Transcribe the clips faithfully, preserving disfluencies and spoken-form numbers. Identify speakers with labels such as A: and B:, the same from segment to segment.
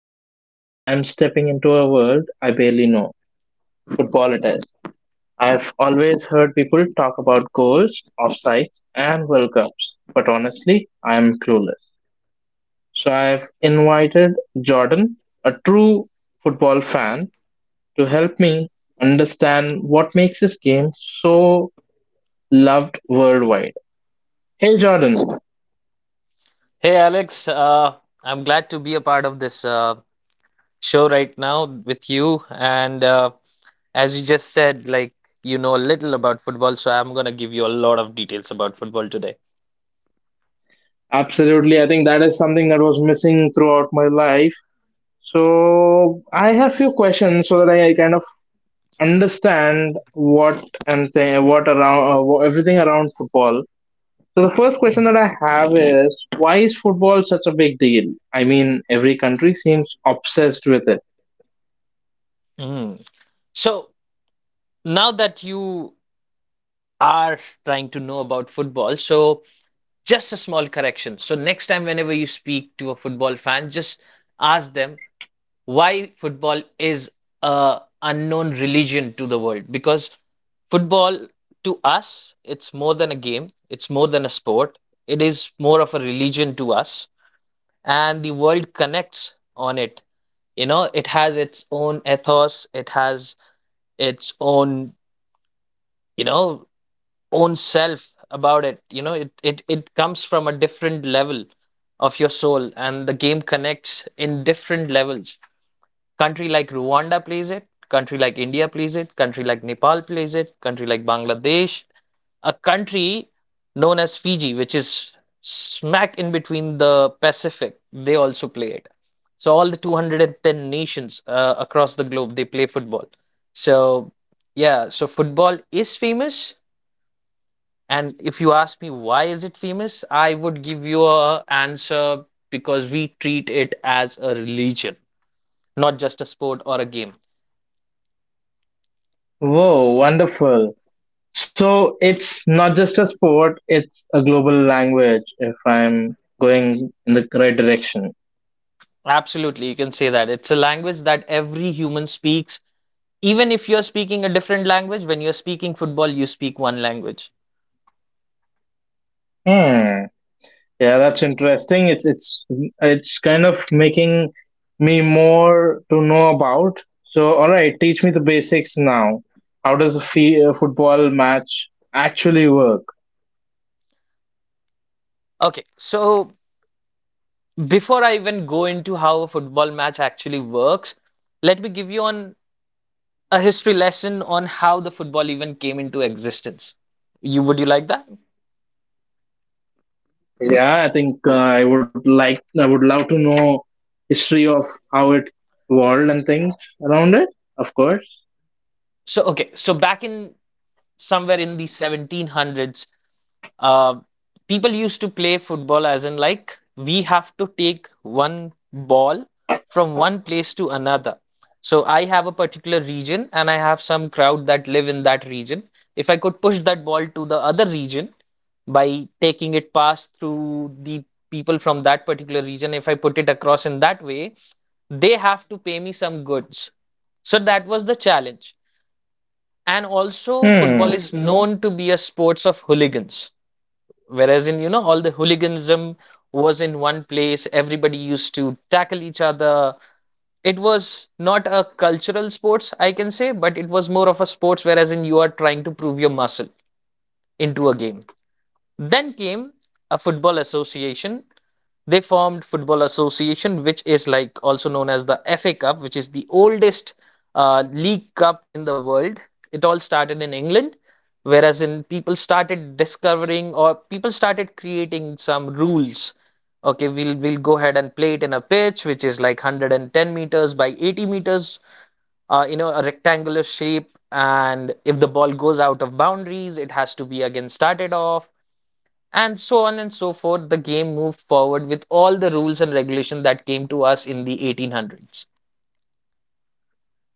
A: And today I am stepping into a world I barely know. Football it is. I've always heard people talk about goals, offsides, and World Cups, but honestly, I am clueless. So I've invited Jordan, a true football fan, to help me understand what makes this game so loved worldwide. Hey, Jordan.
B: Hey Alex, uh, I'm glad to be a part of this uh, show right now with you. And uh, as you just said, like you know a little about football, so I'm gonna give you a lot of details about football today.
A: Absolutely. I think that is something that was missing throughout my life. So I have few questions so that I kind of understand what and th- what around uh, wh- everything around football. So the first question
B: Mhm.
A: that I have is, why is football such a big deal? I mean, every country seems obsessed with it.
B: Mm. So now that you are trying to know about football, so just a small correction. So next time, whenever you speak to a football fan, just ask them. Why football is a unknown religion to the world, because football to us, it's more than a game, it's more than a sport, it is more of a religion to us, and the world connects on it. You know, it has its own ethos, it has its own, you know, own self about it. You know, it it it comes from a different level of your soul, and the game connects in different levels. Country like Rwanda plays it, country like India plays it, country like Nepal plays it, country like Bangladesh, a country known as Fiji, which is smack in between the Pacific, they also play it. So all the two hundred ten nations uh, across the globe, they play football. So yeah, so football is famous. And if you ask me why is it famous, I would give you a answer, because we treat it as a religion, not just a sport or a game.
A: Whoa, wonderful! So it's not just a sport; it's a global language. If I'm going in the correct direction.
B: Absolutely, you can say that. It's a language that every human speaks. Even if you're speaking a different language, when you're speaking football, you speak one language.
A: Hmm. Yeah, that's interesting. It's it's it's kind of making me more to know about. So, all right, teach me the basics now. How does a fee- a football match actually work?
B: Okay, so before I even go into how a football match actually works, let me give you on a history lesson on how the football even came into existence. You would you like that?
A: Yeah, I think uh, I would like, I would love to know history of how it evolved and things around it. Of course.
B: So okay, so back in somewhere in the seventeen hundreds, Uh, people used to play football as in like we have to take one ball from one place to another. So I have a particular region and I have some crowd that live in that region. If I could push that ball to the other region by taking it past through the people from that particular region, if I put it across in that way, they have to pay me some goods. So that was the challenge. And also, football
A: Hmm.
B: is known to be a sports of hooligans. Whereas in, you know, all the hooliganism was in one place, everybody used to tackle each other. It was not a cultural sports, I can say, but it was more of a sports, whereas in you are trying to prove your muscle into a game. Then came a football association. They formed Football Association, which is like also known as the F A Cup, which is the oldest uh, league cup in the world. It all started in England, whereas in people started discovering or people started creating some rules. Okay, we'll we'll go ahead and play it in a pitch which is like one hundred ten meters by eighty meters, uh, you know, a rectangular shape. And if the ball goes out of boundaries, it has to be again started off, and so on and so forth. The game moved forward with all the rules and regulation that came to us in the eighteen hundreds.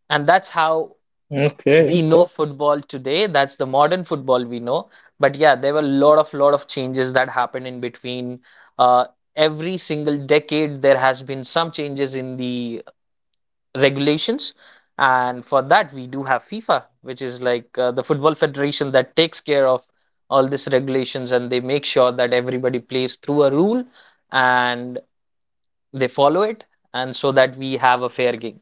B: And that's how
A: Okay.
B: we know football today. That's the modern football we know. But yeah, there were a lot of lot of changes that happened in between. Uh, every single decade, there has been some changes in the regulations. And for that, we do have FIFA, which is like uh, the football federation that takes care of all these regulations, and they make sure that everybody plays through a rule and they follow it, and so that we have a fair game.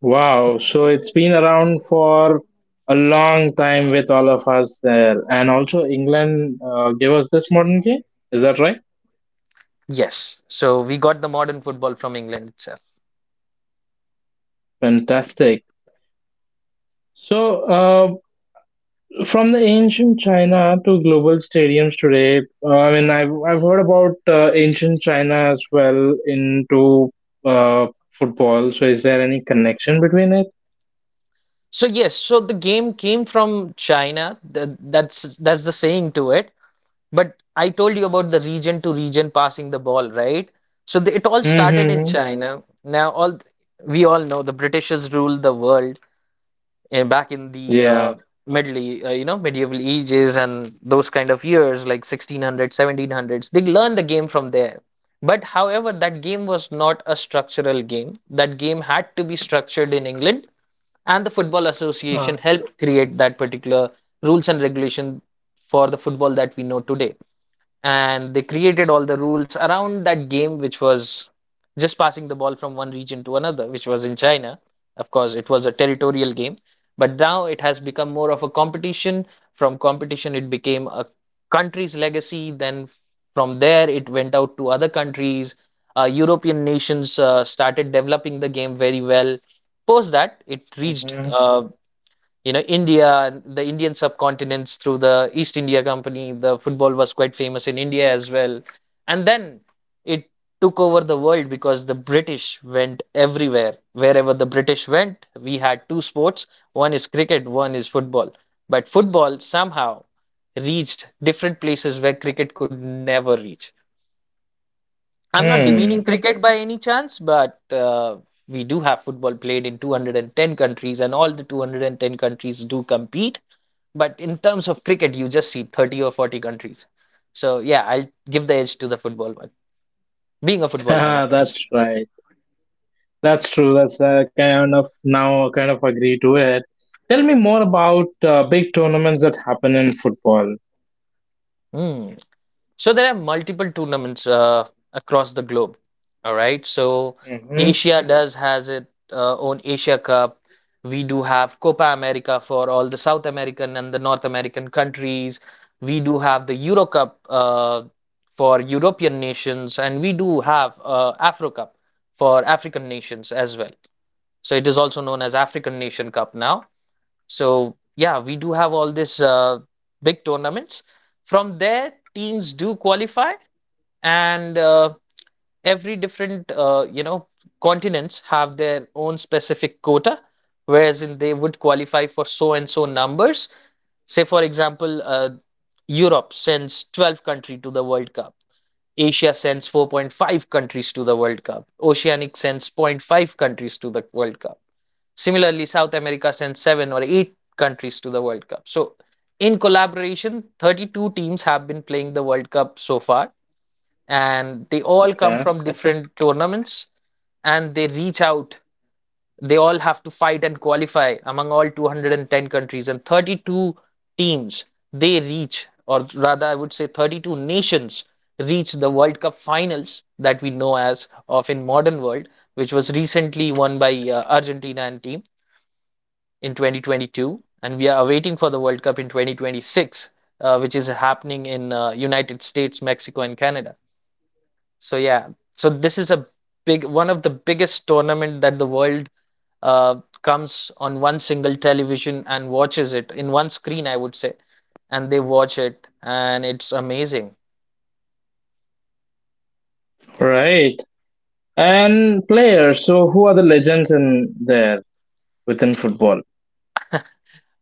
A: Wow, so it's been around for a long time with all of us there. And also, England uh, gave us this modern game. Is that right?
B: Yes, so we got the modern football from England itself.
A: Fantastic. So, uh, from the ancient China to global stadiums today, uh, I mean, I've, I've heard about uh, ancient China as well into uh, football. So, is there any connection between it?
B: So yes, so the game came from China. Th that's that's the saying to it. But I told you about the region to region passing the ball, right? So the, it all started in
A: Mm-hmm.
B: China. Now all th- we all know the Britishers ruled the world uh, back in the uh,
A: Yeah.
B: middle, E- uh, you know, medieval ages, and those kind of years like sixteen hundreds, seventeen hundreds. They learned the game from there. But however, that game was not a structural game. That game had to be structured in England, and the Football Association
A: Uh,
B: helped create that particular rules and regulation for the football that we know today, and they created all the rules around that game, which was just passing the ball from one region to another, which was in China. Of course, it was a territorial game, but now it has become more of a competition. From competition, it became a country's legacy. Then from there, it went out to other countries. Uh, European nations uh, started developing the game very well. Post that, it reached
A: hmm
B: uh, you know, India and the Indian subcontinents through the East India Company. The football was quite famous in India as well. And then it took over the world because the British went everywhere. Wherever the British went, we had two sports. One is cricket, one is football. But football somehow reached different places where cricket could never reach. I'm not demeaning
A: Hmm.
B: cricket by any chance, but uh, we do have football played in two hundred ten countries, and all the two hundred ten countries do compete. But in terms of cricket, you just see thirty or forty countries. So, yeah, I'll give the edge to the football one, being a football fan, of
A: That's
B: course.
A: right. That's true. That's uh, kind of, now kind of agree to it. Tell me more about uh, big tournaments that happen in football.
B: Hmm. So there are multiple tournaments uh, across the globe. All right. So
A: Hmm
B: Asia does has its uh, own Asia Cup. We do have Copa America for all the South American and the North American countries. We do have the Euro Cup uh, for European nations, and we do have uh, Afro Cup for African nations as well. So it is also known as African Nation Cup now. So yeah, we do have all this uh, big tournaments. From there, teams do qualify, and uh, every different uh, you know, continents have their own specific quota, whereas in they would qualify for so and so numbers. Say for example, uh, Europe sends twelve country to the World Cup. Asia sends four point five countries to the World Cup. Oceanic sends zero point 0.5 countries to the World Cup. Similarly, South America sent seven or eight countries to the World Cup. So, in collaboration, thirty-two teams have been playing the World Cup so far, and they all come
A: Okay.
B: from different tournaments, and they reach out. They all have to fight and qualify among all two hundred ten countries and thirty-two teams. They reach, or rather, I would say thirty-two nations reach the World Cup finals that we know as of in modern world, which was recently won by uh, Argentina and team in twenty twenty-two, and we are awaiting for the World Cup in twenty twenty-six, uh, which is happening in uh, United States, Mexico, and Canada. So yeah, so this is a big one of the biggest tournament that the world uh, comes on one single television and watches it in one screen, I would say, and they watch it, and it's amazing.
A: Right. And players. So who are the legends in there within football?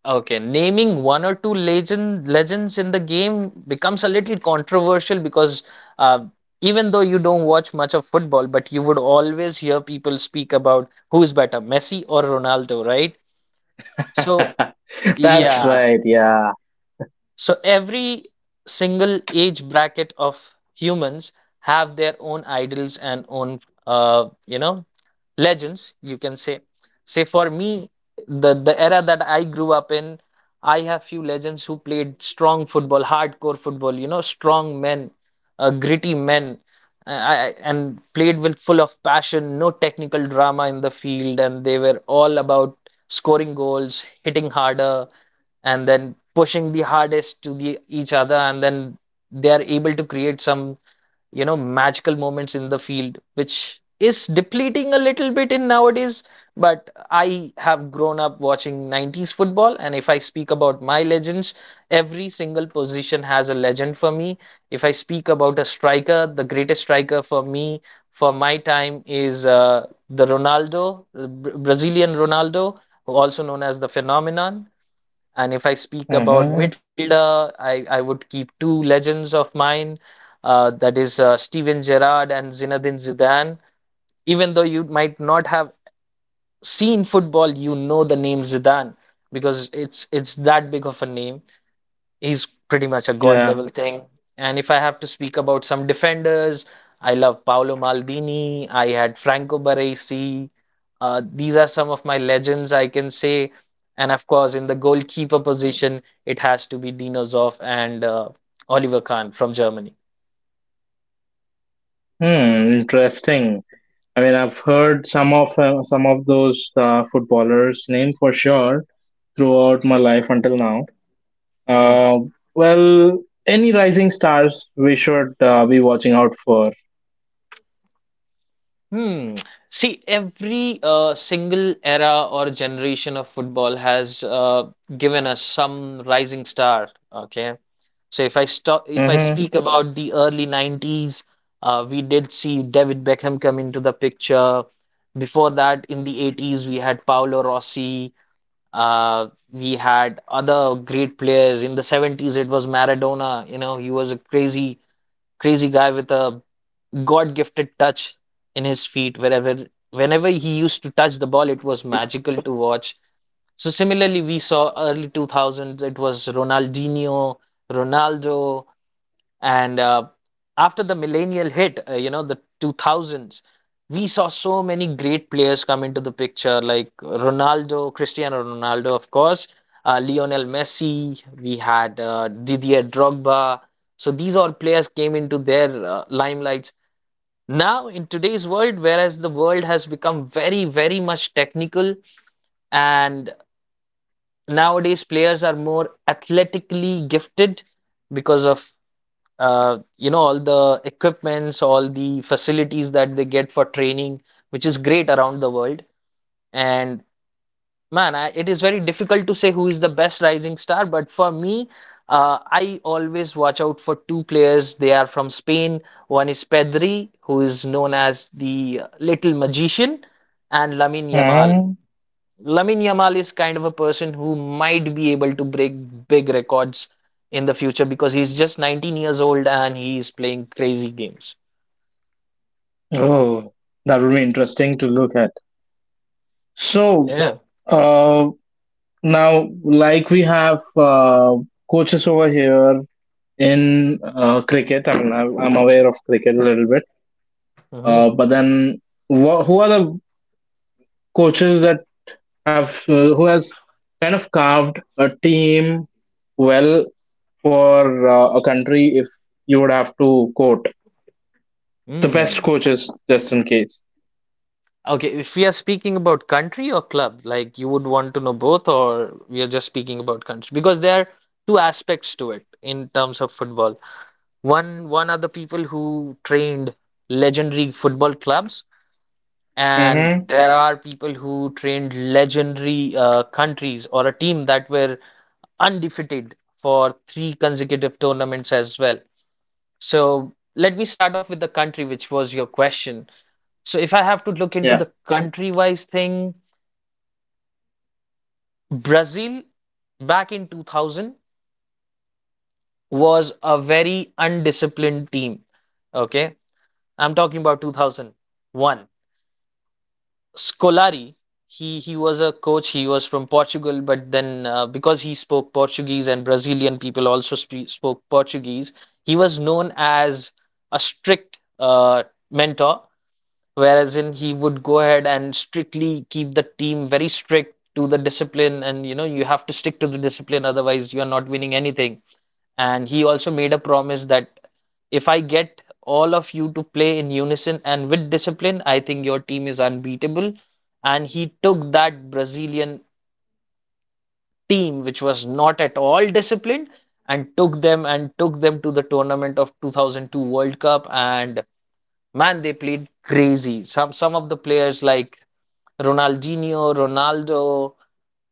B: Okay, naming one or two legend legends in the game becomes a little controversial, because uh, even though you don't watch much of football, but you would always hear people speak about who's better, Messi or Ronaldo, right? So,
A: That's
B: yeah.
A: right. Yeah.
B: So every single age bracket of humans have their own idols and own uh, you know, legends, you can say. Say for me, the the era that I grew up in, I have few legends who played strong football, hardcore football, you know, strong men, uh, gritty men, I, I, and played with full of passion, no technical drama in the field, and they were all about scoring goals, hitting harder, and then pushing the hardest to the each other, and then they are able to create some, you know, magical moments in the field, which is depleting a little bit in nowadays. But I have grown up watching nineties football, and if I speak about my legends, every single position has a legend for me. If I speak about a striker, the greatest striker for me, for my time, is uh, the Ronaldo, the Bra- brazilian Ronaldo, also known as the phenomenon. And if I speak about
A: hmm
B: midfielder, I, I, would keep two legends of mine. Uh, that is uh, Steven Gerrard and Zinedine Zidane. Even though you might not have seen football, you know the name Zidane, because it's it's that big of a name. He's pretty much a god
A: Yeah.
B: level thing. And if I have to speak about some defenders, I love Paolo Maldini. I had Franco Baresi. Uh, these are some of my legends, I can say. And of course, in the goalkeeper position, it has to be Dino Zoff and uh, Oliver Kahn from Germany.
A: Hmm. Interesting. I mean, I've heard some of uh, some of those uh, footballers' name for sure throughout my life until now.
B: Mhm.
A: Uh, well, any rising stars we should uh, be watching out for.
B: Hmm. See, every uh, single era or generation of football has uh, given us some rising star. Okay. So if I stop, if I
A: Hmm
B: speak Mhm. about the early nineties, uh, we did see David Beckham come into the picture. Before that, in the eighties, we had Paolo Rossi. Uh, we had other great players. In the seventies, it was Maradona. You know, he was a crazy, crazy guy with a God-gifted touch in his feet wherever whenever he used to touch the ball, it was magical to watch. So similarly, we saw early two thousands, it was Ronaldinho, Ronaldo. And uh, after the millennial hit, uh, you know, the two thousands, we saw so many great players come into the picture, like Ronaldo, Cristiano Ronaldo, of course, uh, Lionel Messi, we had uh, Didier Drogba. So these all players came into their uh, limelight. Now, in today's world, whereas the world has become very, very much technical, and nowadays players are more athletically gifted because of uh, you know all the equipments, all the facilities that they get for training, which is great around the world. And man, I, it is very difficult to say who is the best rising star, but for me, uh, I always watch out for two players. They are from Spain. One is Pedri, who is known as the uh, little magician, and Lamine Yamal.
A: hmm
B: Lamine Yamal is kind of a person who might be able to break big records in the future, because he's just nineteen years old and he's playing crazy games.
A: Oh, that would be interesting to look at. So,
B: Yeah.
A: uh, now, like we have uh, coaches over here in uh, cricket, I mean, I'm I'm aware of cricket a little bit,
B: Yeah. Hmm.
A: uh, but then wh- who are the coaches that have, uh, who has kind of carved a team well for uh, a country if you would have to quote the best
B: Hmm.
A: coaches, just in case.
B: Okay, if we are speaking about country or club, like you would want to know both, or we are just speaking about country, because there are two aspects to it in terms of football. One, one are the people who trained legendary football clubs, and
A: Mm-hmm.
B: there are people who trained legendary uh, countries or a team that were undefeated for three consecutive tournaments as well. So let me start off with the country, which was your question. So if I have to look into
A: Yeah.
B: the country-wise thing, Brazil back in two thousand was a very undisciplined team. Okay, I'm talking about two thousand one. Scolari, he he was a coach. He was from Portugal, but then uh, because he spoke Portuguese and Brazilian people also spe spoke Portuguese, he was known as a strict uh, mentor. Whereas in he would go ahead and strictly keep the team very strict to the discipline, and you know you have to stick to the discipline, otherwise you are not winning anything. And he also made a promise that if I get all of you to play in unison and with discipline, I think your team is unbeatable. And he took that Brazilian team, which was not at all disciplined, and took them and took them to the tournament of two thousand two World Cup. And man, they played crazy. Some some of the players like Ronaldinho, Ronaldo,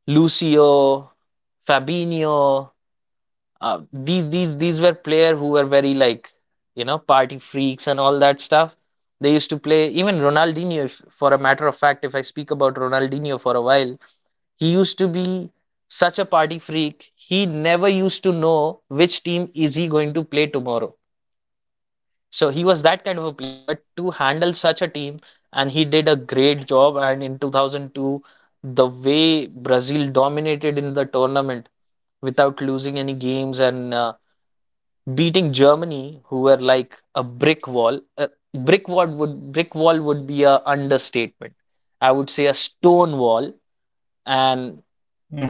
B: Lucio, Fabinho. Uh, these these these were players who were very like, you know, party freaks and all that stuff. They used to play, even Ronaldinho. If, for a matter of fact, if I speak about Ronaldinho for a while, he used to be such a party freak. He never used to know which team is he going to play tomorrow. So he was that kind of a player, but to handle such a team, and he did a great job. And in two thousand two, the way Brazil dominated in the tournament without losing any games, and uh, beating Germany, who were like a brick wall. Uh, brick wall would brick wall would be a understatement. I would say a stone wall,
A: hmm
B: and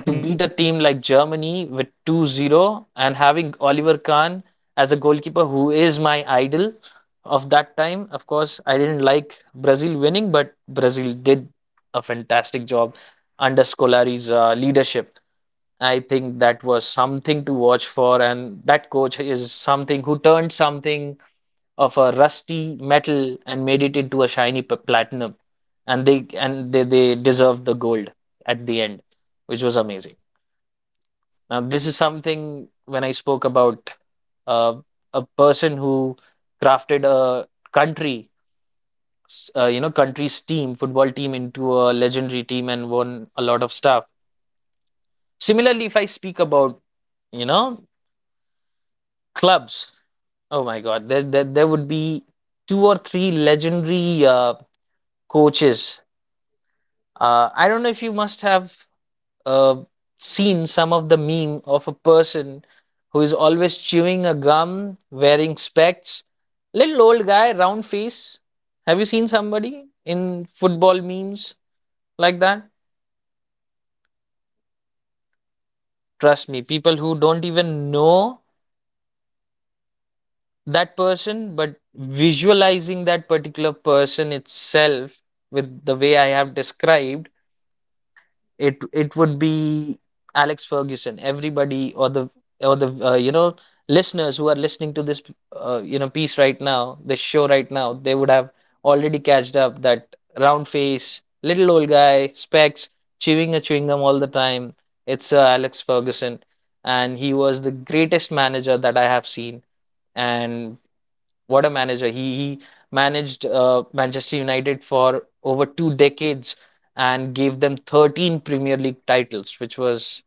B: to beat a team like Germany with 2-0 and having Oliver Kahn as a goalkeeper, who is my idol of that time. Of course, I didn't like Brazil winning, but Brazil did a fantastic job under Scolari's uh, leadership. I think that was something to watch for, and that coach is something who turned something of a rusty metal and made it into a shiny p- platinum. And they and they, they deserved the gold at the end, which was amazing. Now, this is something when I spoke about uh, a person who crafted a country, s- uh, you know, country's team, football team into a legendary team, and won a lot of stuff. Similarly, if I speak about, you know, clubs, oh my God, there, there, there would be two or three legendary uh, coaches. Uh, I don't know if you must have uh, seen some of the meme of a person who is always chewing a gum, wearing specs, little old guy, round face. Have you seen somebody in football memes like that? Trust me, people who don't even know that person, but visualizing that particular person itself with the way I have described, It it would be Alex Ferguson. Everybody or the or the uh, you know listeners who are listening to this uh, you know piece right now, this show right now, they would have already catched up that round face, little old guy, specs, chewing a chewing gum all the time. It's Sir Alex Ferguson, and he was the greatest manager that I have seen. And what a manager. He, he managed uh, Manchester United for over two decades and gave them thirteen Premier League titles, which was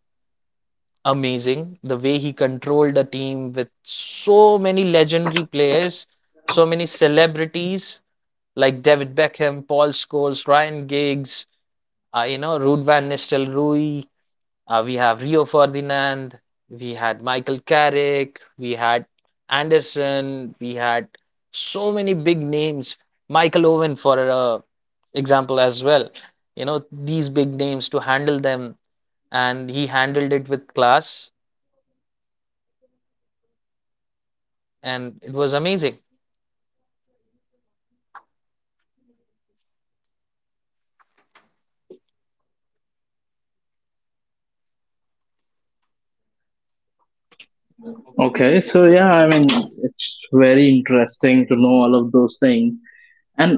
B: amazing. The way he controlled a team with so many legendary players, so many celebrities like David Beckham, Paul Scholes, Ryan Giggs, uh, you know, Ruud van Nistelrooy, uh, we have Rio Ferdinand, we had Michael Carrick, we had Anderson, we had so many big names. Michael Owen, for uh, example, as well. You know, these big names to handle them, and he handled it with class, and it was amazing.
A: Okay, so yeah, I mean, it's very interesting to know all of those things. And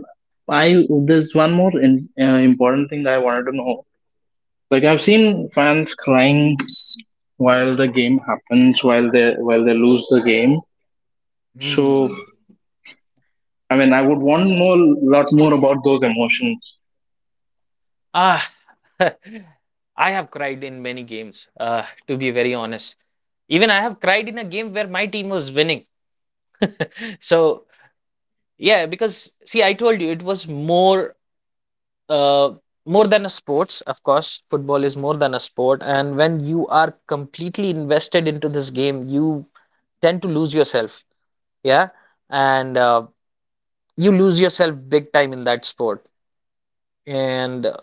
A: I, there's one more in, uh, important thing that I wanted to know. Like I've seen fans crying while the game happens, while they while they lose the game. So
B: Hmm.
A: I mean, I would want to know a lot more about those emotions.
B: Ah, I have cried in many games, uh, to be very honest. Even I have cried in a game where my team was winning. So yeah, because see, I told you it was more uh more than a sports, of course. Football is more than a sport, and when you are completely invested into this game, you tend to lose yourself. Yeah, and uh, you lose yourself big time in that sport. And uh,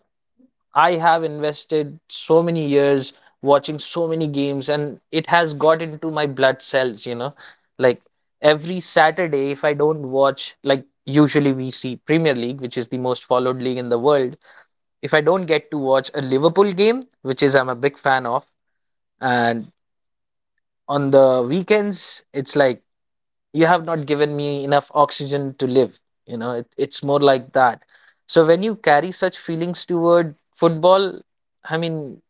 B: I have invested so many years watching so many games, and it has got into my blood cells, you know. Like every Saturday, if I don't watch, like usually we see Premier League, which is the most followed league in the world. If I don't get to watch a Liverpool game, which is I'm a big fan of, and on the weekends, it's like you have not given me enough oxygen to live, you know, it, it's more like that. So when you carry such feelings toward football, I mean,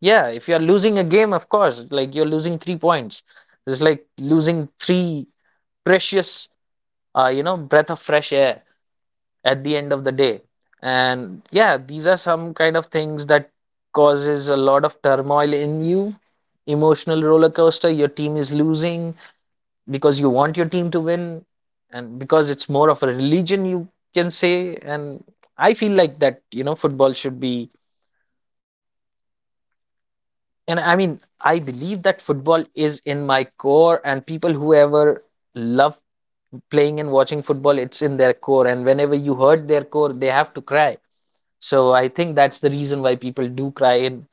B: yeah, if you're losing a game, of course, like you're losing three points. It's like losing three precious, uh, you know, breath of fresh air at the end of the day. And yeah, these are some kind of things that causes a lot of turmoil in you. Emotional roller coaster, your team is losing because you want your team to win, and because it's more of a religion, you can say. And I feel like that, you know, football should be. And I mean, I believe that football is in my core, and people whoever love playing and watching football, it's in their core. And whenever you hurt their core, they have to cry. So I think that's the reason why people do cry in,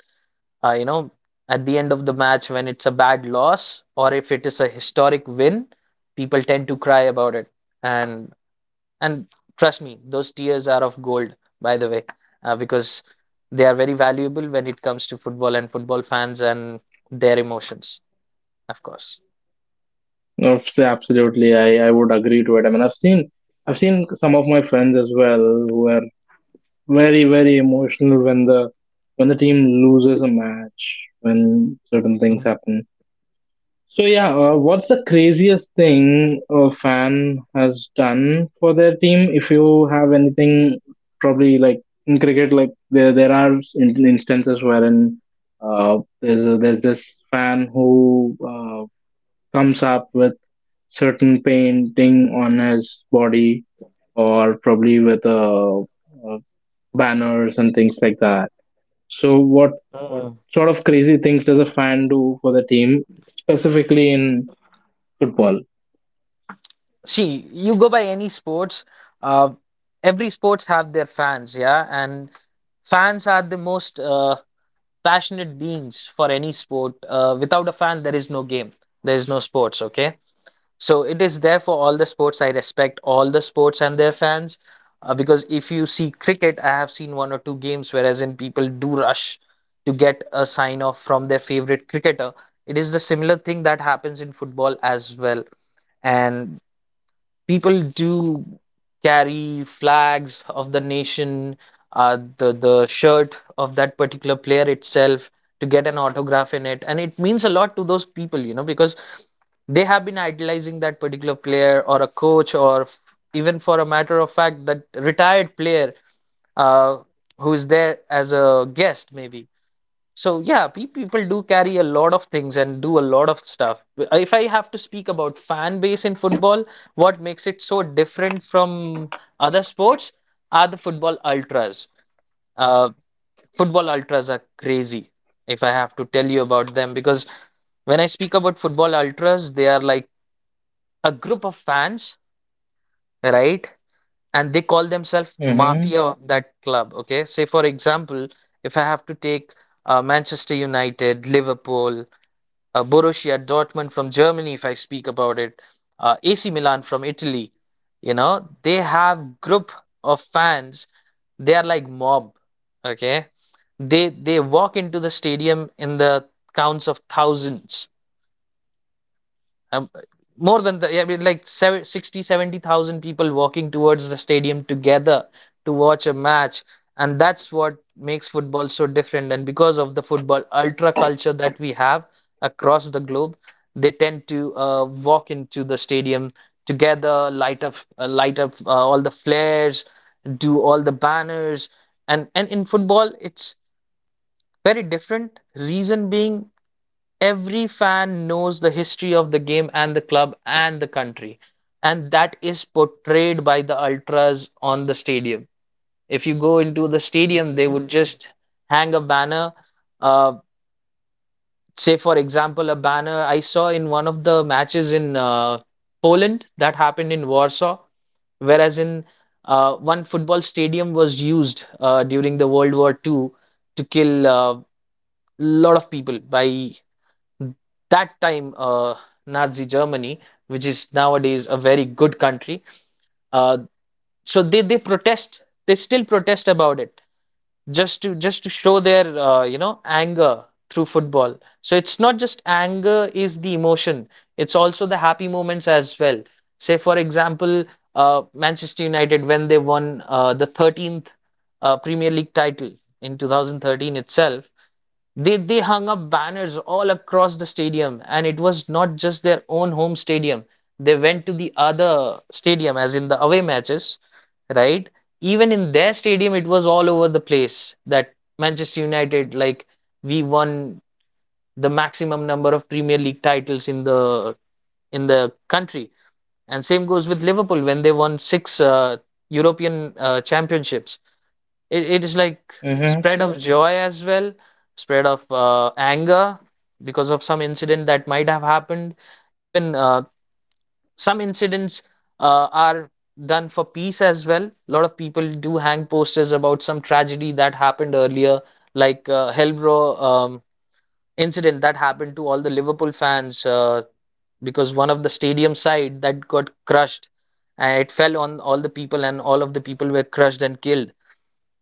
B: uh, you know, at the end of the match, when it's a bad loss or if it is a historic win, people tend to cry about it. And and trust me, those tears are of gold, by the way, uh, because they are very valuable when it comes to football and football fans and their emotions, of course.
A: Obviously, absolutely, I I would agree to it. I mean, I've seen I've seen some of my friends as well who are very very emotional when the, when the team loses a match, when certain things
B: Mhm.
A: happen. So yeah, uh, what's the craziest thing a fan has done for their team, if you have anything probably like in cricket? Like there there are in, instances wherein uh, there's a, there's this fan who uh, comes up with certain painting on his body, or probably with a, a banners and things like that. So, what
B: Uh,
A: sort of crazy things does a fan do for the team, specifically in football?
B: see, you go by any sports, uh, every sports have their fans, yeah, and fans are the most uh, passionate beings for any sport. Uh, without a fan, there is no game, there is no sports, okay? So it is there for all the sports. I respect all the sports and their fans uh, because if you see cricket, I have seen one or two games whereas in people do rush to get a sign off from their favorite cricketer. It is the similar thing that happens in football as well. And people do carry flags of the nation, uh, the the shirt of that particular player itself to get an autograph in it, and it means a lot to those people, you know, because they have been idolizing that particular player or a coach or f- even for a matter of fact that retired player uh, who is there as a guest maybe. So yeah, pe people do carry a lot of things and do a lot of stuff. If I have to speak about fan base in football, what makes it so different from other sports are the football ultras. Uh, Football ultras are crazy, if I have to tell you about them, because when I speak about football ultras, they are like a group of fans, right? And they call themselves mafia
A: Hmm
B: of that club. Okay, say for example, if I have to take uh, Manchester United, Liverpool, uh, Borussia Dortmund from Germany, if I speak about it, uh, A C Milan from Italy, you know, they have group of fans. They are like mob, okay? They they walk into the stadium in the counts of thousands, um, more than the, yeah, I mean, like seven- sixty, seventy thousand people walking towards the stadium together to watch a match. And that's what makes football so different. And because of the football ultra culture that we have across the globe, they tend to uh, walk into the stadium together, light up, uh, light up uh, all the flares, do all the banners. And, and in football, it's very different. Reason being, every fan knows the history of the game and the club and the country, and that is portrayed by the ultras on the stadium. If you go into the stadium, they would
A: Okay.
B: just hang a banner. uh, Say for example, a banner I saw in one of the matches in uh, Poland that happened in Warsaw, whereas in uh, one football stadium was used uh, during the World War II to kill a, uh, lot of people by that time, uh, Nazi Germany, which is nowadays a very good country. uh, so they they protest. They still protest about it just to just to show their, uh, you know, anger through football. So it's not just anger is the emotion. It's also the happy moments as well. Say for example, uh, Manchester United when they won uh, the thirteenth uh, Premier League title in two thousand thirteen itself. They they hung up banners all across the stadium, and it was not just their own home stadium. They went to the other stadium, as in the away matches, right? Even in their stadium, it was all over the place that Manchester United, like, we won the maximum number of Premier League titles in the in the country. And same goes with Liverpool when they won six uh, European uh, championships. It, it is like
A: hmm
B: spread of joy as well, spread of, uh, anger because of some incident that might have happened. Even, uh, some incidents uh, are done for peace as well. A lot of people do hang posters about some tragedy that happened earlier, like, uh, Hellbro um, incident that happened to all the Liverpool fans, uh, because one of the stadium side that got crushed and it fell on all the people and all of the people were crushed and killed,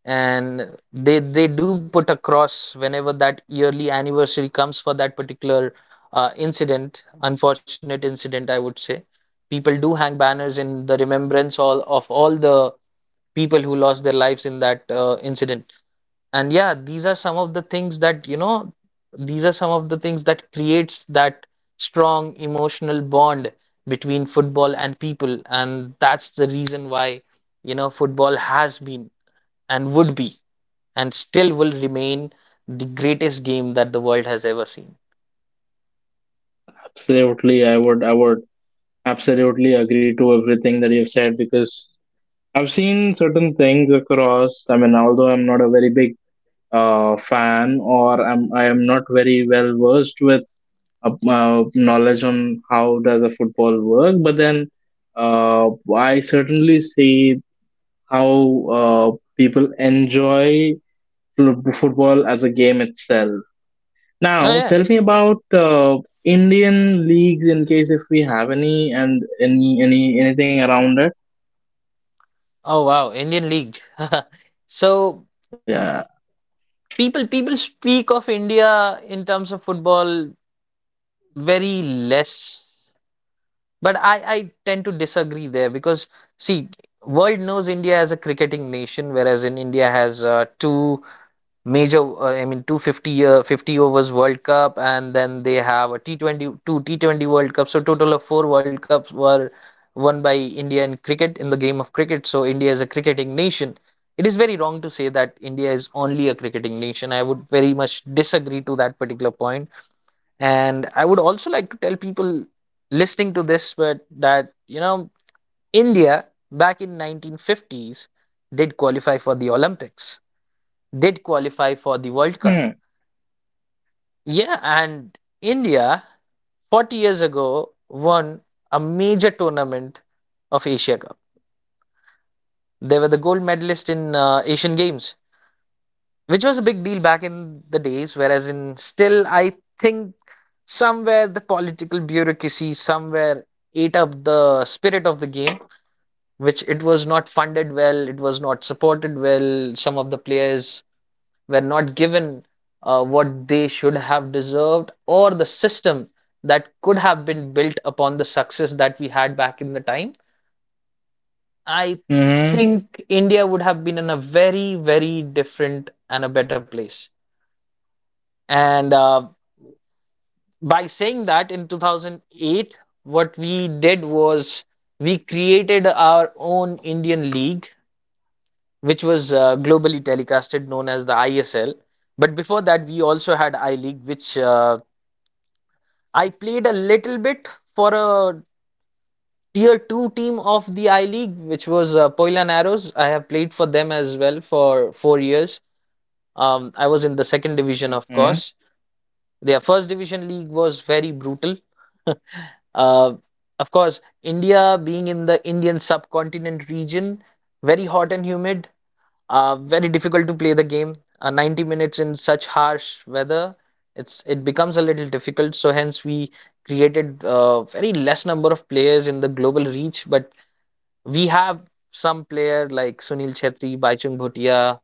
B: and they they do put a cross whenever that yearly anniversary comes for that particular, uh, incident, unfortunate incident, I would say. People do hang banners in the remembrance all of all the people who lost their lives in that, uh, incident. And yeah, these are some of the things that, you know, these are some of the things that creates that strong emotional bond between football and people. And that's the reason why, you know, football has been and would be and still will remain the greatest game that the world has ever seen.
A: Absolutely, I would. I would absolutely agree to everything that you've said, because I've seen certain things across. I mean, although I'm not a very big uh, fan, or I'm, I am not very well versed with uh, uh, knowledge on how does a football work, but then uh, I certainly see how uh, people enjoy fl- football as a game itself.
B: Oh
A: Now,
B: yeah.
A: tell me about uh, Indian leagues, in case if we have any, and any any anything around it.
B: Oh wow, Indian League. So
A: Yeah.
B: people people speak of India in terms of football very less. But I, I tend to disagree there because see, world knows India as a cricketing nation, whereas in India has uh, two major, uh, I mean, two fifty, uh, fifty overs World Cup, and then they have a T twenty, two T twenty World Cups. So total of four World Cups were won by India in cricket, in the game of cricket. So India is a cricketing nation. It is very wrong to say that India is only a cricketing nation. I would very much disagree to that particular point, and I would also like to tell people listening to this but that, you know, India back in nineteen fifties did qualify for the Olympics, did qualify for the World
A: Hmm.
B: Cup. Yeah, and India forty years ago won a major tournament of Asia Cup. They were the gold medalist in uh, Asian Games, which was a big deal back in the days. Whereas in still, I think somewhere the political bureaucracy somewhere ate up the spirit of the game, which it was not funded well, it was not supported well. Some of the players were not given, uh, what they should have deserved, or the system that could have been built upon the success that we had back in the time. I
A: Mm-hmm.
B: think India would have been in a very, very different and a better place. And uh, by saying that in two thousand eight, what we did was we created our own Indian league, which was uh, globally telecasted, known as the I S L, but before that we also had I League, which uh, I played a little bit for a tier two team of the I League, which was uh, Poylan Arrows. I have played for them as well for four years. um, I was in the second division, of
A: Mm-hmm.
B: course. Their first division league was very brutal. Uh, of course, India being in the Indian subcontinent region, very hot and humid, uh, very difficult to play the game. Uh, ninety minutes in such harsh weather, it's it becomes a little difficult. So hence we created uh, very less number of players in the global reach, but we have some player like Sunil Chhetri, Baichung Bhutia.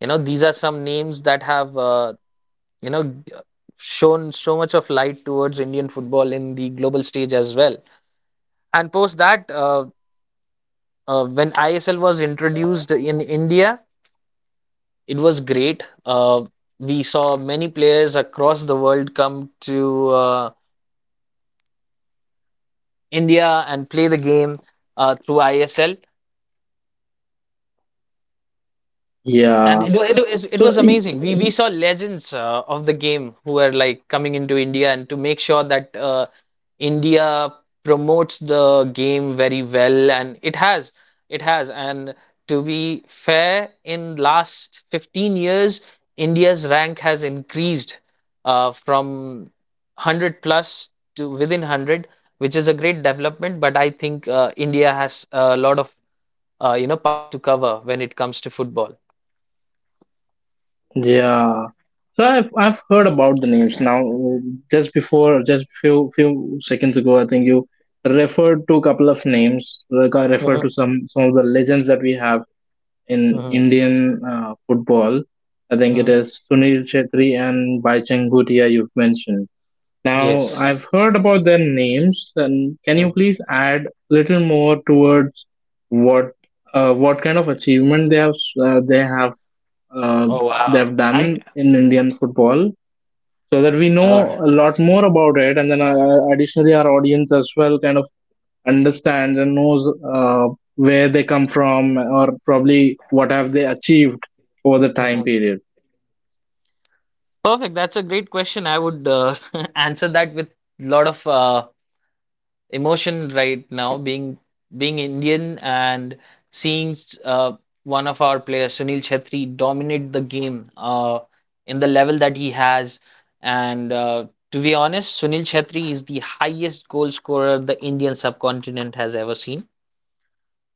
B: You know, these are some names that have, uh, you know shown so much of light towards Indian football in the global stage as well. And post that, uh, uh, when I S L was introduced in India, it was great. Uh, we saw many players across the world come to uh, India and play the game uh, through I S L. And
A: Yeah.
B: it, wa- it, was- it
A: So
B: was
A: y-
B: amazing. We, we saw legends uh, of the game who were like coming into India, and to make sure that uh, India promotes the game very well. And it has, it has. And to be fair, in last fifteen years, India's rank has increased, uh, from one hundred plus to within one hundred, which is a great development. But I think uh, India has a lot of, uh, you know, path to cover when it comes to football.
A: yeah. So I've I've heard about the names now. uh, Just before, just few few seconds ago, I think you referred to a couple of names. Like I referred to some some of the legends that we have in
B: Hmm.
A: Indian uh, football. I think it
B: Hmm.
A: is Sunil Chetri and Baichang Bhutia you've mentioned. Now,
B: Yes.
A: I've heard about their names, and can you
B: Mm.
A: please add little more towards what, uh, what kind of achievement they have, uh, they have uh,
B: Oh
A: they
B: wow.
A: have
B: I
A: done in Indian football, so that we
B: uh,
A: know a lot more about it, and then uh, additionally our audience as well kind of understands and knows uh, where they come from, or probably what have they achieved over the time
B: mhm.
A: period.
B: Perfect. That's a great question. I would, uh, answer that with a lot of, uh, emotion right now, being being Indian and seeing, uh, one of our players, Sunil Chhetri, dominate the game uh, in the level that he has. And uh, to be honest, Sunil Chhetri is the highest goal scorer the Indian subcontinent has ever seen.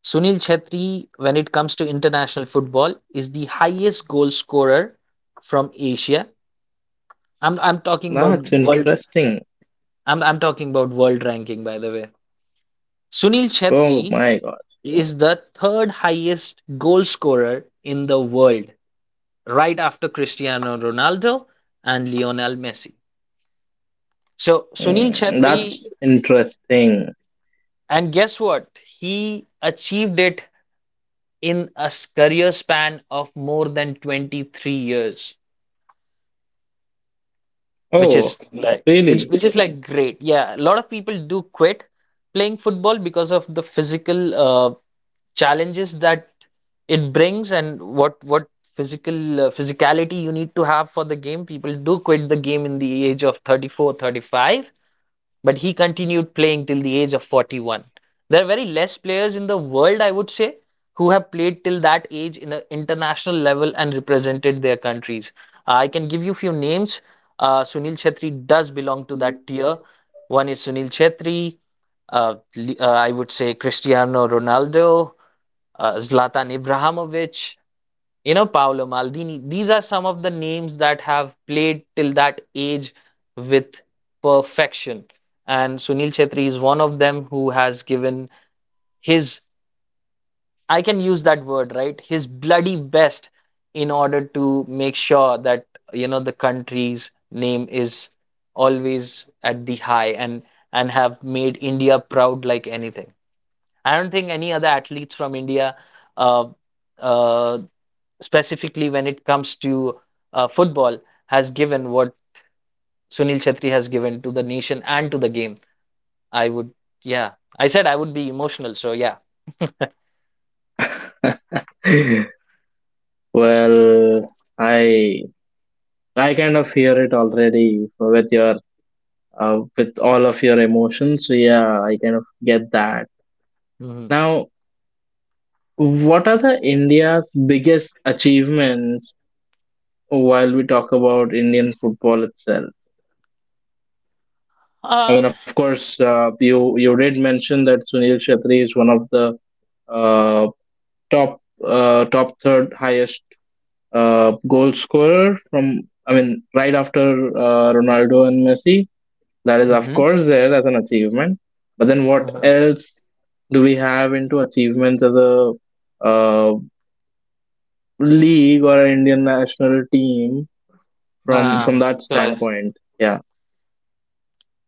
B: Sunil Chhetri, when it comes to international football, is the highest goal scorer from Asia. I'm I'm talking about
A: That's
B: world.
A: interesting.
B: I'm I'm talking about world ranking, by the way. Sunil
A: Oh
B: Chhetri
A: my god.
B: is the third highest goal scorer in the world, right after Cristiano Ronaldo and Lionel Messi. So Sunil
A: Mm,
B: Chhetri,
A: that's interesting.
B: and guess what? He achieved it in a s- career span of more than twenty-three years, which
A: Oh,
B: is like it,
A: really?
B: which is like great. Yeah, a lot of people do quit playing football because of the physical, uh, challenges that it brings and what what physical, uh, physicality you need to have for the game. People do quit the game in the age of thirty four, thirty five, but he continued playing till the age of forty-one. There are very less players in the world, I would say, who have played till that age in an international level and represented their countries. Uh, I can give you few names. Uh, Sunil Chhetri does belong to that tier. One is Sunil Chhetri. Uh, Li- uh, I would say Cristiano Ronaldo, uh, Zlatan Ibrahimovic, you know, Paolo Maldini, these are some of the names that have played till that age with perfection. And Sunil Chhetri is one of them who has given his, I can use that word, right? His bloody best in order to make sure that, you know, the country's name is always at the high, and and have made India proud like anything. I don't think any other athletes from India, uh, uh, specifically when it comes to, uh, football, has given what Sunil Chhetri has given to the nation and to the game. I would, yeah. I said I would be emotional, so yeah.
A: Well, i i kind of hear it already with your uh, with all of your emotions, so yeah, I kind of get that.
B: Hmm.
A: Now, what are the India's biggest achievements, while we talk about Indian football itself? I
B: Uh,
A: mean, of course, uh, you you did mention that Sunil Shetty is one of the uh, top uh, top third highest uh, goal scorer from. I mean, right after uh, Ronaldo and Messi, that is of
B: mm-hmm,
A: course there as an achievement. But then, what
B: mm-hmm.
A: else do we have into achievements as a uh, league or an Indian national team, from
B: Uh,
A: from that
B: got it.
A: standpoint? Yeah.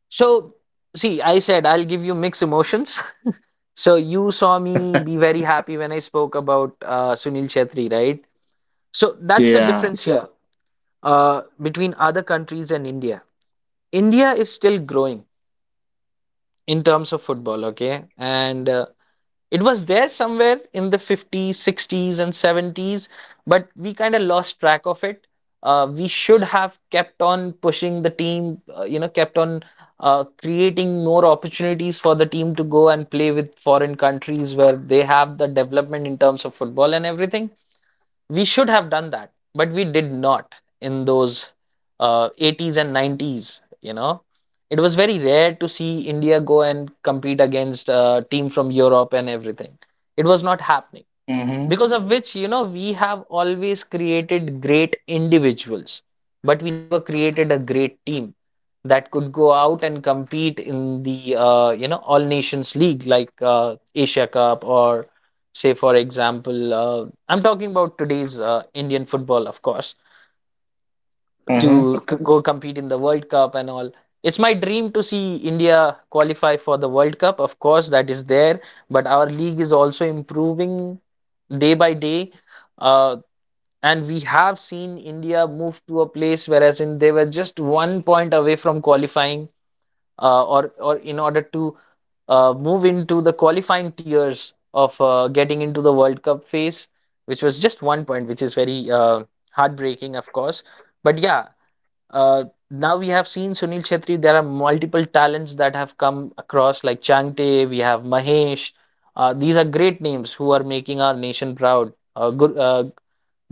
B: So, see, I said I'll give you mixed emotions. So you saw me be very happy when I spoke about, uh, Sunil Chhetri, right? So that's the
A: Yeah.
B: difference here, uh, between other countries and India. India is still growing in terms of football, okay? And uh, it was there somewhere in the fifties, sixties, and seventies, but we kind of lost track of it. Uh, we should have kept on pushing the team, uh, you know, kept on uh, creating more opportunities for the team to go and play with foreign countries where they have the development in terms of football and everything. We should have done that, but we did not in those uh, eighties and nineties, you know. It was very rare to see India go and compete against a team from Europe and everything. It was not happening,
A: Mhm.
B: because of which, you know we have always created great individuals, but we never created a great team that could go out and compete in the uh, you know all nations league, like uh, Asia Cup, or, say, for example, uh, I'm talking about today's uh, Indian football, of course,
A: Mm-hmm.
B: to c- go compete in the World Cup and all. It's my dream to see India qualify for the World Cup. Of course, that is there, but our league is also improving day by day. Uh, and we have seen India move to a place whereas in they were just one point away from qualifying, uh, or or in order to uh, move into the qualifying tiers of uh, getting into the World Cup phase, which was just one point, which is very uh, heartbreaking, of course. But yeah, uh, now we have seen Sunil Chhetri. There are multiple talents that have come across, like Changte. We have Mahesh. Uh, these are great names who are making our nation proud. Uh, Gur uh,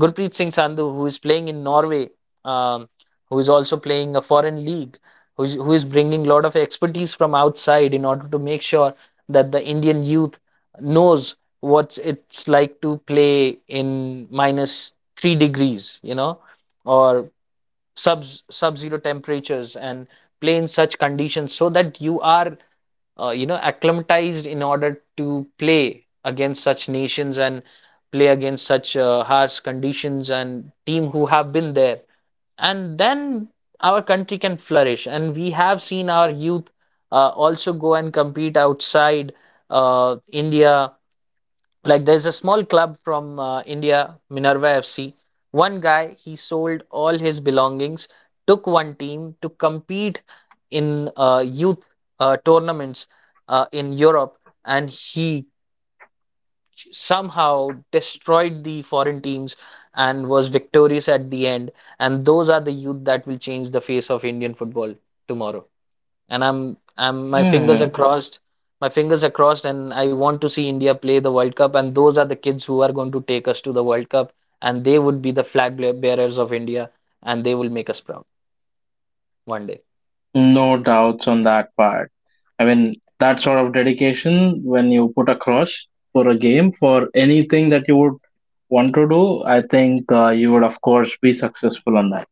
B: Gurpreet Singh Sandhu, who is playing in Norway, um, who is also playing a foreign league, who's, who is bringing a lot of expertise from outside in order to make sure that the Indian youth knows what it's like to play in minus three degrees, you know, or sub sub-zero temperatures, and play in such conditions so that you are uh, you know acclimatized in order to play against such nations and play against such uh, harsh conditions and team who have been there. And then our country can flourish, and we have seen our youth uh, also go and compete outside uh, India, like there's a small club from uh, India, Minerva F C. One guy, he sold all his belongings, took one team to compete in uh, youth uh, tournaments uh, in Europe, and he somehow destroyed the foreign teams and was victorious at the end. And those are the youth that will change the face of Indian football tomorrow, and I'm I'm my fingers
A: Hmm.
B: are crossed, my fingers are crossed, and I want to see India play the World Cup, and those are the kids who are going to take us to the World Cup, and they would be the flag bear- bearers of India, and they will make us proud one day.
A: No doubts on that part. I mean, that sort of dedication when you put across for a game, for anything that you would want to do, I think uh, you would, of course, be successful on that.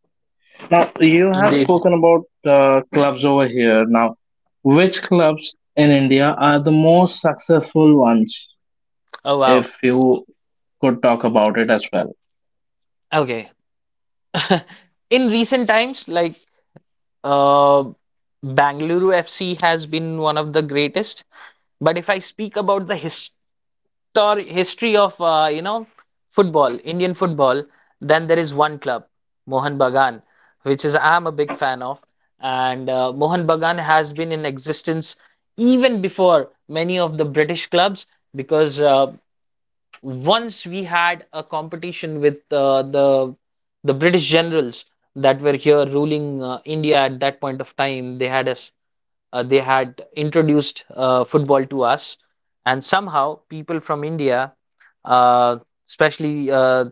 A: Now, you have
B: Indeed.
A: spoken about uh, clubs over here. Now, which clubs in India are the most successful ones,
B: Oh, wow.
A: if you could talk about it as well?
B: Okay. In recent times, like, uh, Bangalore F C has been one of the greatest. But if I speak about the his tor- history of, uh, you know football, Indian football, then there is one club, Mohan Bagan, which is, I'm a big fan of. And uh, Mohan Bagan has been in existence even before many of the British clubs, because uh, once we had a competition with uh, the the British generals that were here ruling uh, India at that point of time. They had us uh, they had introduced uh, football to us, and somehow people from India, uh, especially uh,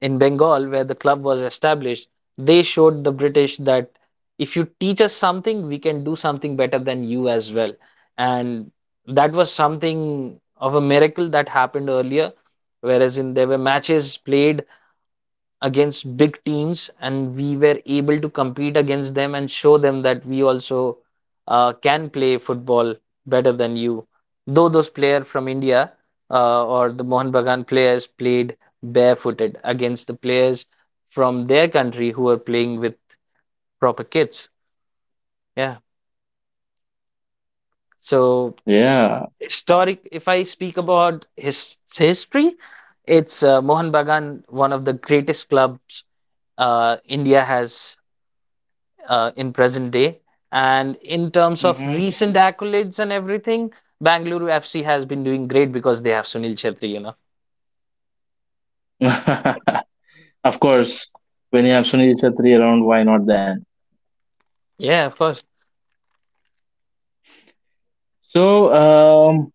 B: in Bengal, where the club was established, they showed the British that if you teach us something, we can do something better than you as well. And that was something of a miracle that happened earlier, whereas in there were matches played against big teams, and we were able to compete against them and show them that we also uh, can play football better than you. Though those players from India, uh, or the Mohun Bagan players, played barefooted against the players from their country, who were playing with proper kits. Yeah. So
A: Yeah.
B: historic. If I speak about his history, it's uh, Mohan Bagan, one of the greatest clubs uh, India has uh, in present day. And in terms of
A: Mm-hmm.
B: recent accolades and everything, Bangalore F C has been doing great, because they have Sunil Chhetri, you know.
A: Of course, when you have Sunil Chhetri around, why not then?
B: Yeah, of course.
A: So, um,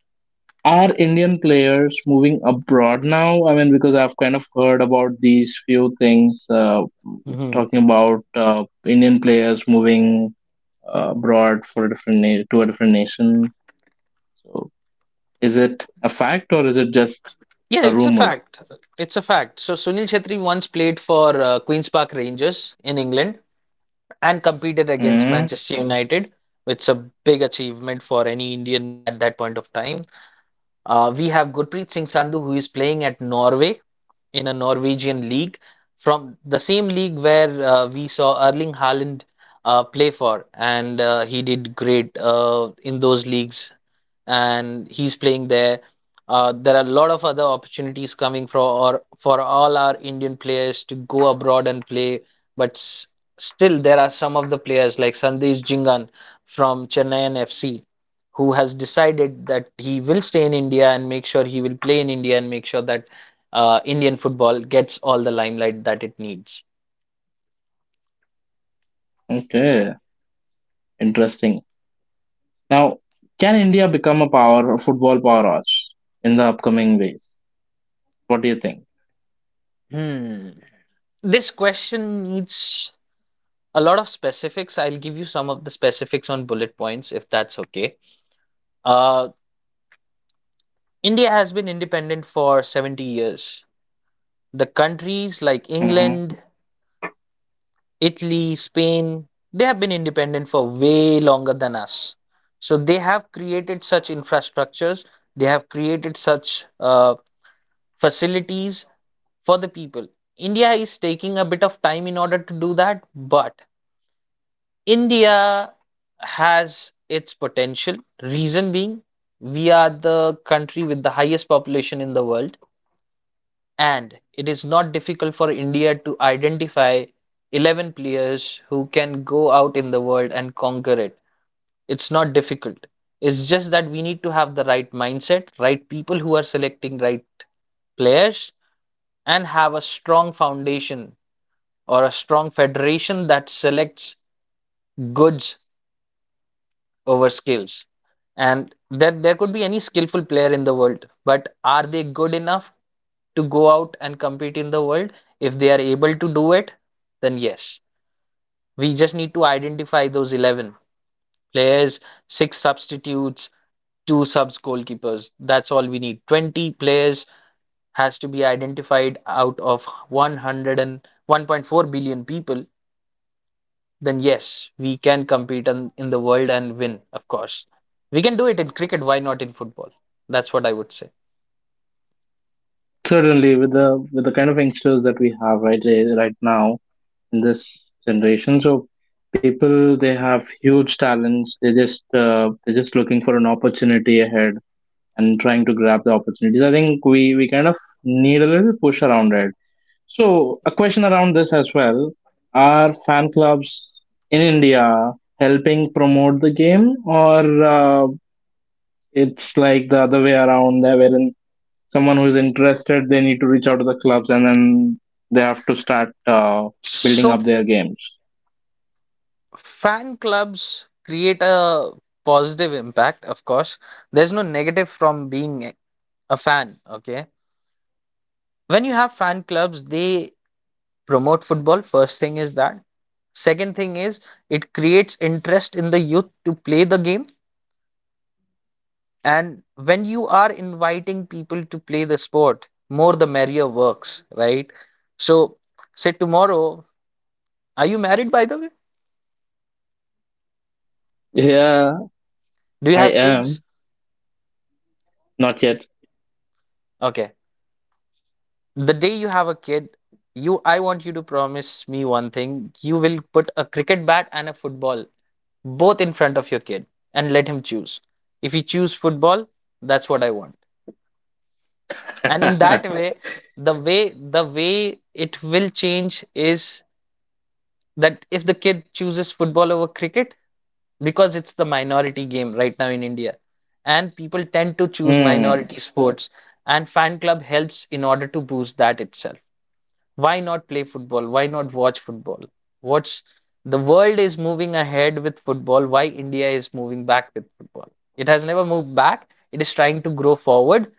A: are Indian players moving abroad now? I mean, because I've kind of heard about these few things, uh,
B: Hmm.
A: talking about uh, Indian players moving uh, abroad for a different na- to a different nation. So, is it a fact, or is it just
B: Yeah,
A: a
B: it's a
A: rumor?
B: fact. It's a fact. So Sunil Chhetri once played for uh, Queen's Park Rangers in England and competed
A: Mm,
B: against Manchester United, which is a big achievement for any Indian at that point of time. Uh, we have Gurpreet Singh Sandhu, who is playing at Norway in a Norwegian league, from the same league where uh, we saw Erling Haaland uh, play for, and uh, he did great uh, in those leagues, and he's playing there. Uh, there are a lot of other opportunities coming for, or for all our Indian players to go abroad and play, but s still there are some of the players, like Sandesh Jingan from Chennai F C, who has decided that he will stay in India and make sure he will play in India and make sure that uh, Indian football gets all the limelight that it needs.
A: okay, interesting. Now, can India become a power, a football powerhouse in the upcoming days? What do you think?
B: Hmm. This question needs a lot of specifics. I'll give you some of the specifics on bullet points, if that's okay. Uh, India has been independent for seventy years. The countries like
A: Hmm
B: England, Italy, Spain, they have been independent for way longer than us. So they have created such infrastructures, they have created such uh, facilities for the people. India is taking a bit of time in order to do that, but India has its potential. Reason being, we are the country with the highest population in the world. And it is not difficult for India to identify eleven players who can go out in the world and conquer it. It's not difficult. It's just that we need to have the right mindset, right people who are selecting right players, and have a strong foundation or a strong federation that selects good over skills. And that, there could be any skillful player in the world, but are they good enough to go out and compete in the world? If they are able to do it, then yes. We just need to identify those eleven players, six substitutes, two subs goalkeepers. That's all we need. twenty players has to be identified out of one one hundred and one point four billion people, then yes, we can compete in, in the world and win, of course. We can do it in cricket, why not in football? That's what I would say.
A: Certainly, with the, with the kind of youngsters that we have right there, right now in this generation, so people, they have huge talents. They just, uh, they're just looking for an opportunity ahead and trying to grab the opportunities. I think we we kind of need a little push around it. So, a question around this as well. Are fan clubs in India helping promote the game, or uh, it's like the other way around, there wherein someone who is interested, they need to reach out to the clubs and then they have to start uh, building
B: So,
A: up their games?
B: fan clubs create a positive impact, of course. There's no negative from being a fan, okay? When you have fan clubs, they promote football. First thing is that. Second thing is, it creates interest in the youth to play the game. And when you are inviting people to play the sport, more the merrier works, right? So, say tomorrow, are you married, by the way?
A: Yeah,
B: Do you
A: I
B: have kids?
A: am. Not yet.
B: Okay. The day you have a kid, you, I want you to promise me one thing. You will put a cricket bat and a football both in front of your kid, and let him choose. If he choose football, that's what I want. And in that way, the way the way it will change is that if the kid chooses football over cricket, because it's the minority game right now in India, and people tend to choose
A: Hmm.
B: minority sports, and fan club helps in order to boost that itself. Why not play football? Why not watch football? What's The world is moving ahead with football. Why India is moving back with football? It has never moved back. It is trying to grow forward.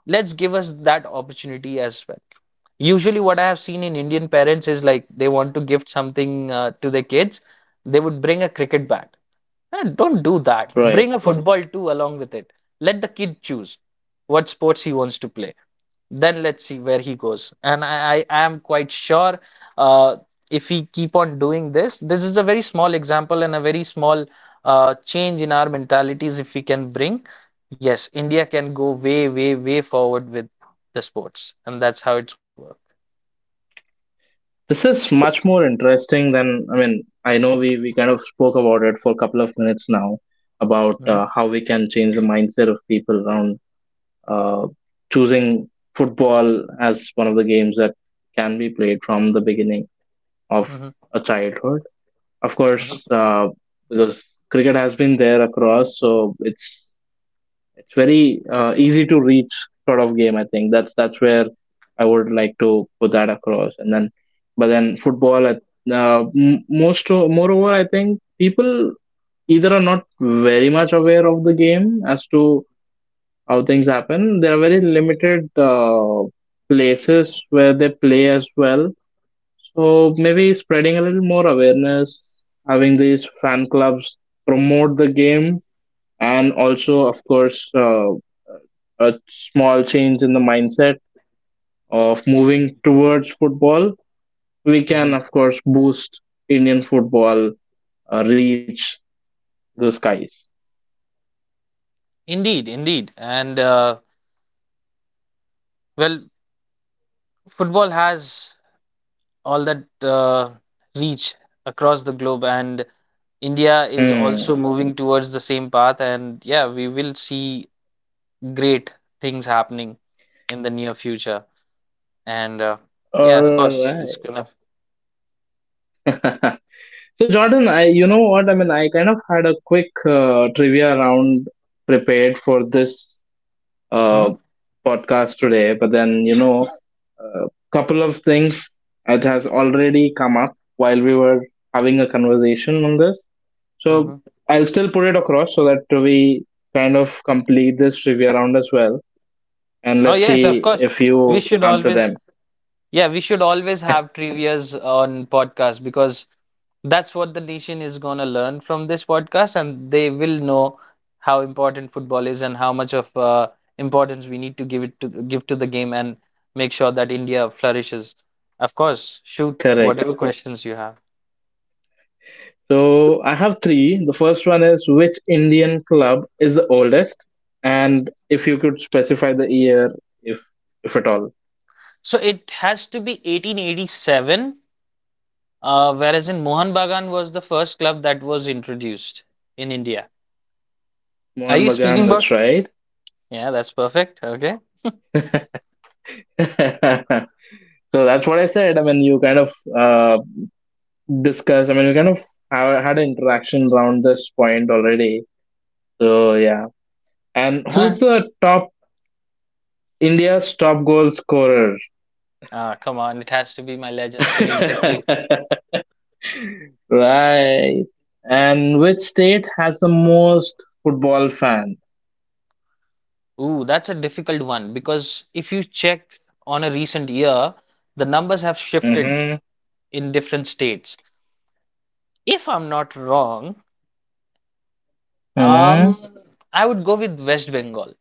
B: Let's give us that opportunity as well. Usually, what I have seen in Indian parents is, like, they want to gift something uh, to their kids. They would bring a cricket bat. Eh, Don't do that. Bring
A: Right.
B: a Mm. football too along with it. Let the kid choose what sports he wants to play. Then let's see where he goes. And I, I am quite sure, uh, if we keep on doing this, this is a very small example, and a very small uh, change in our mentalities, if we can bring. Yes, India can go way, way, way forward with the sports, and that's how it's going to work.
A: This is much more interesting than, I mean, I know we, we kind of spoke about it for a couple of minutes now about
B: Mhm,
A: uh, how we can change the mindset of people around uh, choosing football as one of the games that can be played from the beginning of
B: mhm,
A: a childhood. Of
B: mhm.
A: course, uh, because cricket has been there across, so it's it's very uh, easy to reach sort of game. I think that's that's where I would like to put that across. And then, but then football. I- Uh, m- most o- moreover, I think people either are not very much aware of the game as to how things happen. There are very limited uh, places where they play as well. So maybe spreading a little more awareness, having these fan clubs promote the game, and also of course uh, a small change in the mindset of moving towards football, we can,
B: Mhm.
A: of course, boost Indian football uh, reach the skies.
B: Indeed, indeed. And uh, well, football has all that uh, reach across the globe. And India is
A: Hmm.
B: also moving towards the same path, and yeah, we will see great things happening in the near future. And uh, yeah, of
A: All
B: course,
A: right.
B: it's gonna.
A: So, Jordan, I you know what I mean. I kind of had a quick uh, trivia round prepared for this uh,
B: Mhm,
A: podcast today, but then you know, a couple of things, it has already come up while we were having a conversation on this. So
B: mhm.
A: I'll still put it across so that we kind of complete this trivia round as well. And
B: Oh
A: let's
B: yes, of
A: see
B: course.
A: if
B: We
A: you
B: should
A: answer
B: always
A: them
B: Yeah, we should always have trivias on podcast, because that's what the nation is going to learn from this podcast, and they will know how important football is, and how much of uh, importance we need to give it to give to the game, and make sure that India flourishes. Of course, shoot
A: correct.
B: whatever questions you have.
A: So I have three. The first one is, which Indian club is the oldest? And if you could specify the year, if if at all.
B: So it has to be eighteen eighty-seven, uh, whereas in Mohan Bagan was the first club that was introduced in India. Are
A: Mohan
B: you speaking
A: Bagan, that's
B: about?
A: right.
B: Yeah, that's perfect. Okay.
A: So that's what I said. I mean, you kind of uh, discussed, I mean, you kind of ha- had an interaction around this point already. So yeah. And
B: All
A: who's
B: right.
A: the top, India's top goal scorer.
B: Ah, come on, it has to be my legend, Sunil Chhetri.
A: Right. And which state has the most football fan?
B: Ooh, that's a difficult one, because if you check on a recent year, the numbers have shifted
A: Mm-hmm.
B: in different states. If I'm not wrong,
A: Mm-hmm.
B: um, I would go with West Bengal.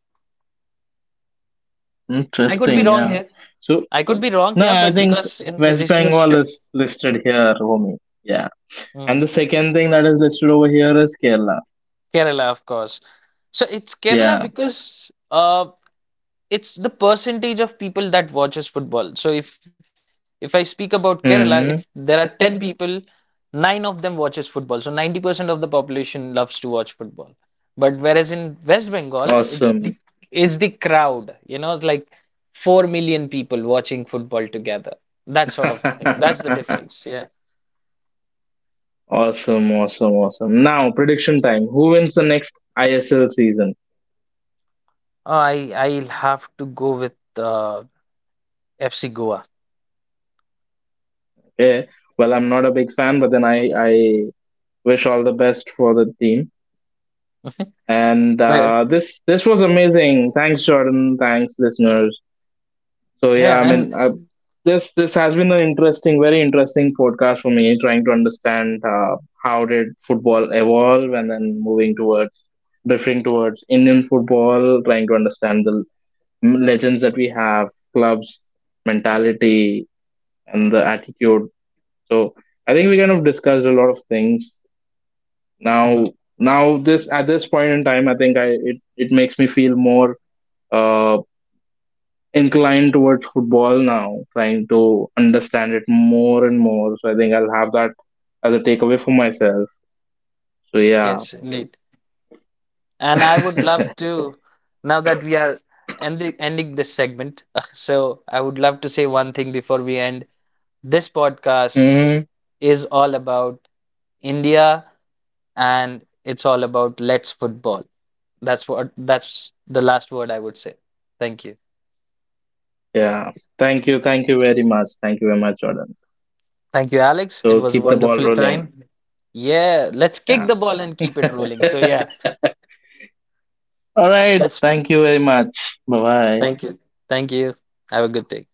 B: I could
A: Interesting.
B: be
A: Yeah.
B: wrong here.
A: So
B: I could be wrong
A: no,
B: here,
A: I
B: but
A: think
B: because in the
A: West
B: recent
A: Bengal
B: shift.
A: is listed here, homie. Yeah. And the
B: Mm.
A: second thing that is listed over here is Kerala.
B: Kerala, of course. So it's Kerala,
A: Yeah.
B: because uh, it's the percentage of people that watches football. So if if I speak about
A: Mm-hmm.
B: Kerala, if there are ten people, nine of them watches football. So ninety percent of the population loves to watch football. But whereas in West Bengal, it's
A: Awesome.
B: the it's the crowd, you know, it's like four million people watching football together. That sort of a thing. That's the difference. Yeah.
A: Awesome. Awesome. Awesome. Now prediction time. Who wins the next I S L season?
B: Oh, I I'll have to go with uh, F C Goa.
A: Yeah, well, I'm not a big fan, but then I I wish all the best for the team. And
B: But
A: uh, this, this was amazing. Thanks, Jordan. Thanks, listeners. So yeah,
B: yeah,
A: I
B: and,
A: mean, uh, this this has been an interesting, very interesting podcast for me, trying to understand uh, how did football evolve, and then moving towards, drifting towards Indian football, trying to understand the legends that we have, clubs, mentality, and the attitude. So I think we kind of discussed a lot of things. Now,
B: Mhm,
A: now this at this point in time, I think I it, it makes me feel more uh, inclined towards football now, trying to understand it more and more. So I think I'll have that as a takeaway for myself. So yeah,
B: yes, indeed. And I would love to, now that we are ending, ending this segment, so I would love to say one thing before we end. This podcast
A: Mhm.
B: is all about India, and it's all about let's football. That's what, that's the last word I would say. Thank you.
A: Yeah. Thank you, thank you very much, thank you very much, Jordan.
B: Thank you, Alex. It
A: So
B: was a
A: keep the ball
B: wonderful
A: rolling.
B: time. Yeah, let's kick
A: Yeah.
B: the ball and keep it rolling. So, yeah,
A: All right.
B: let's,
A: Thank you very much. Bye bye.
B: thank you. Thank you. Have a good day.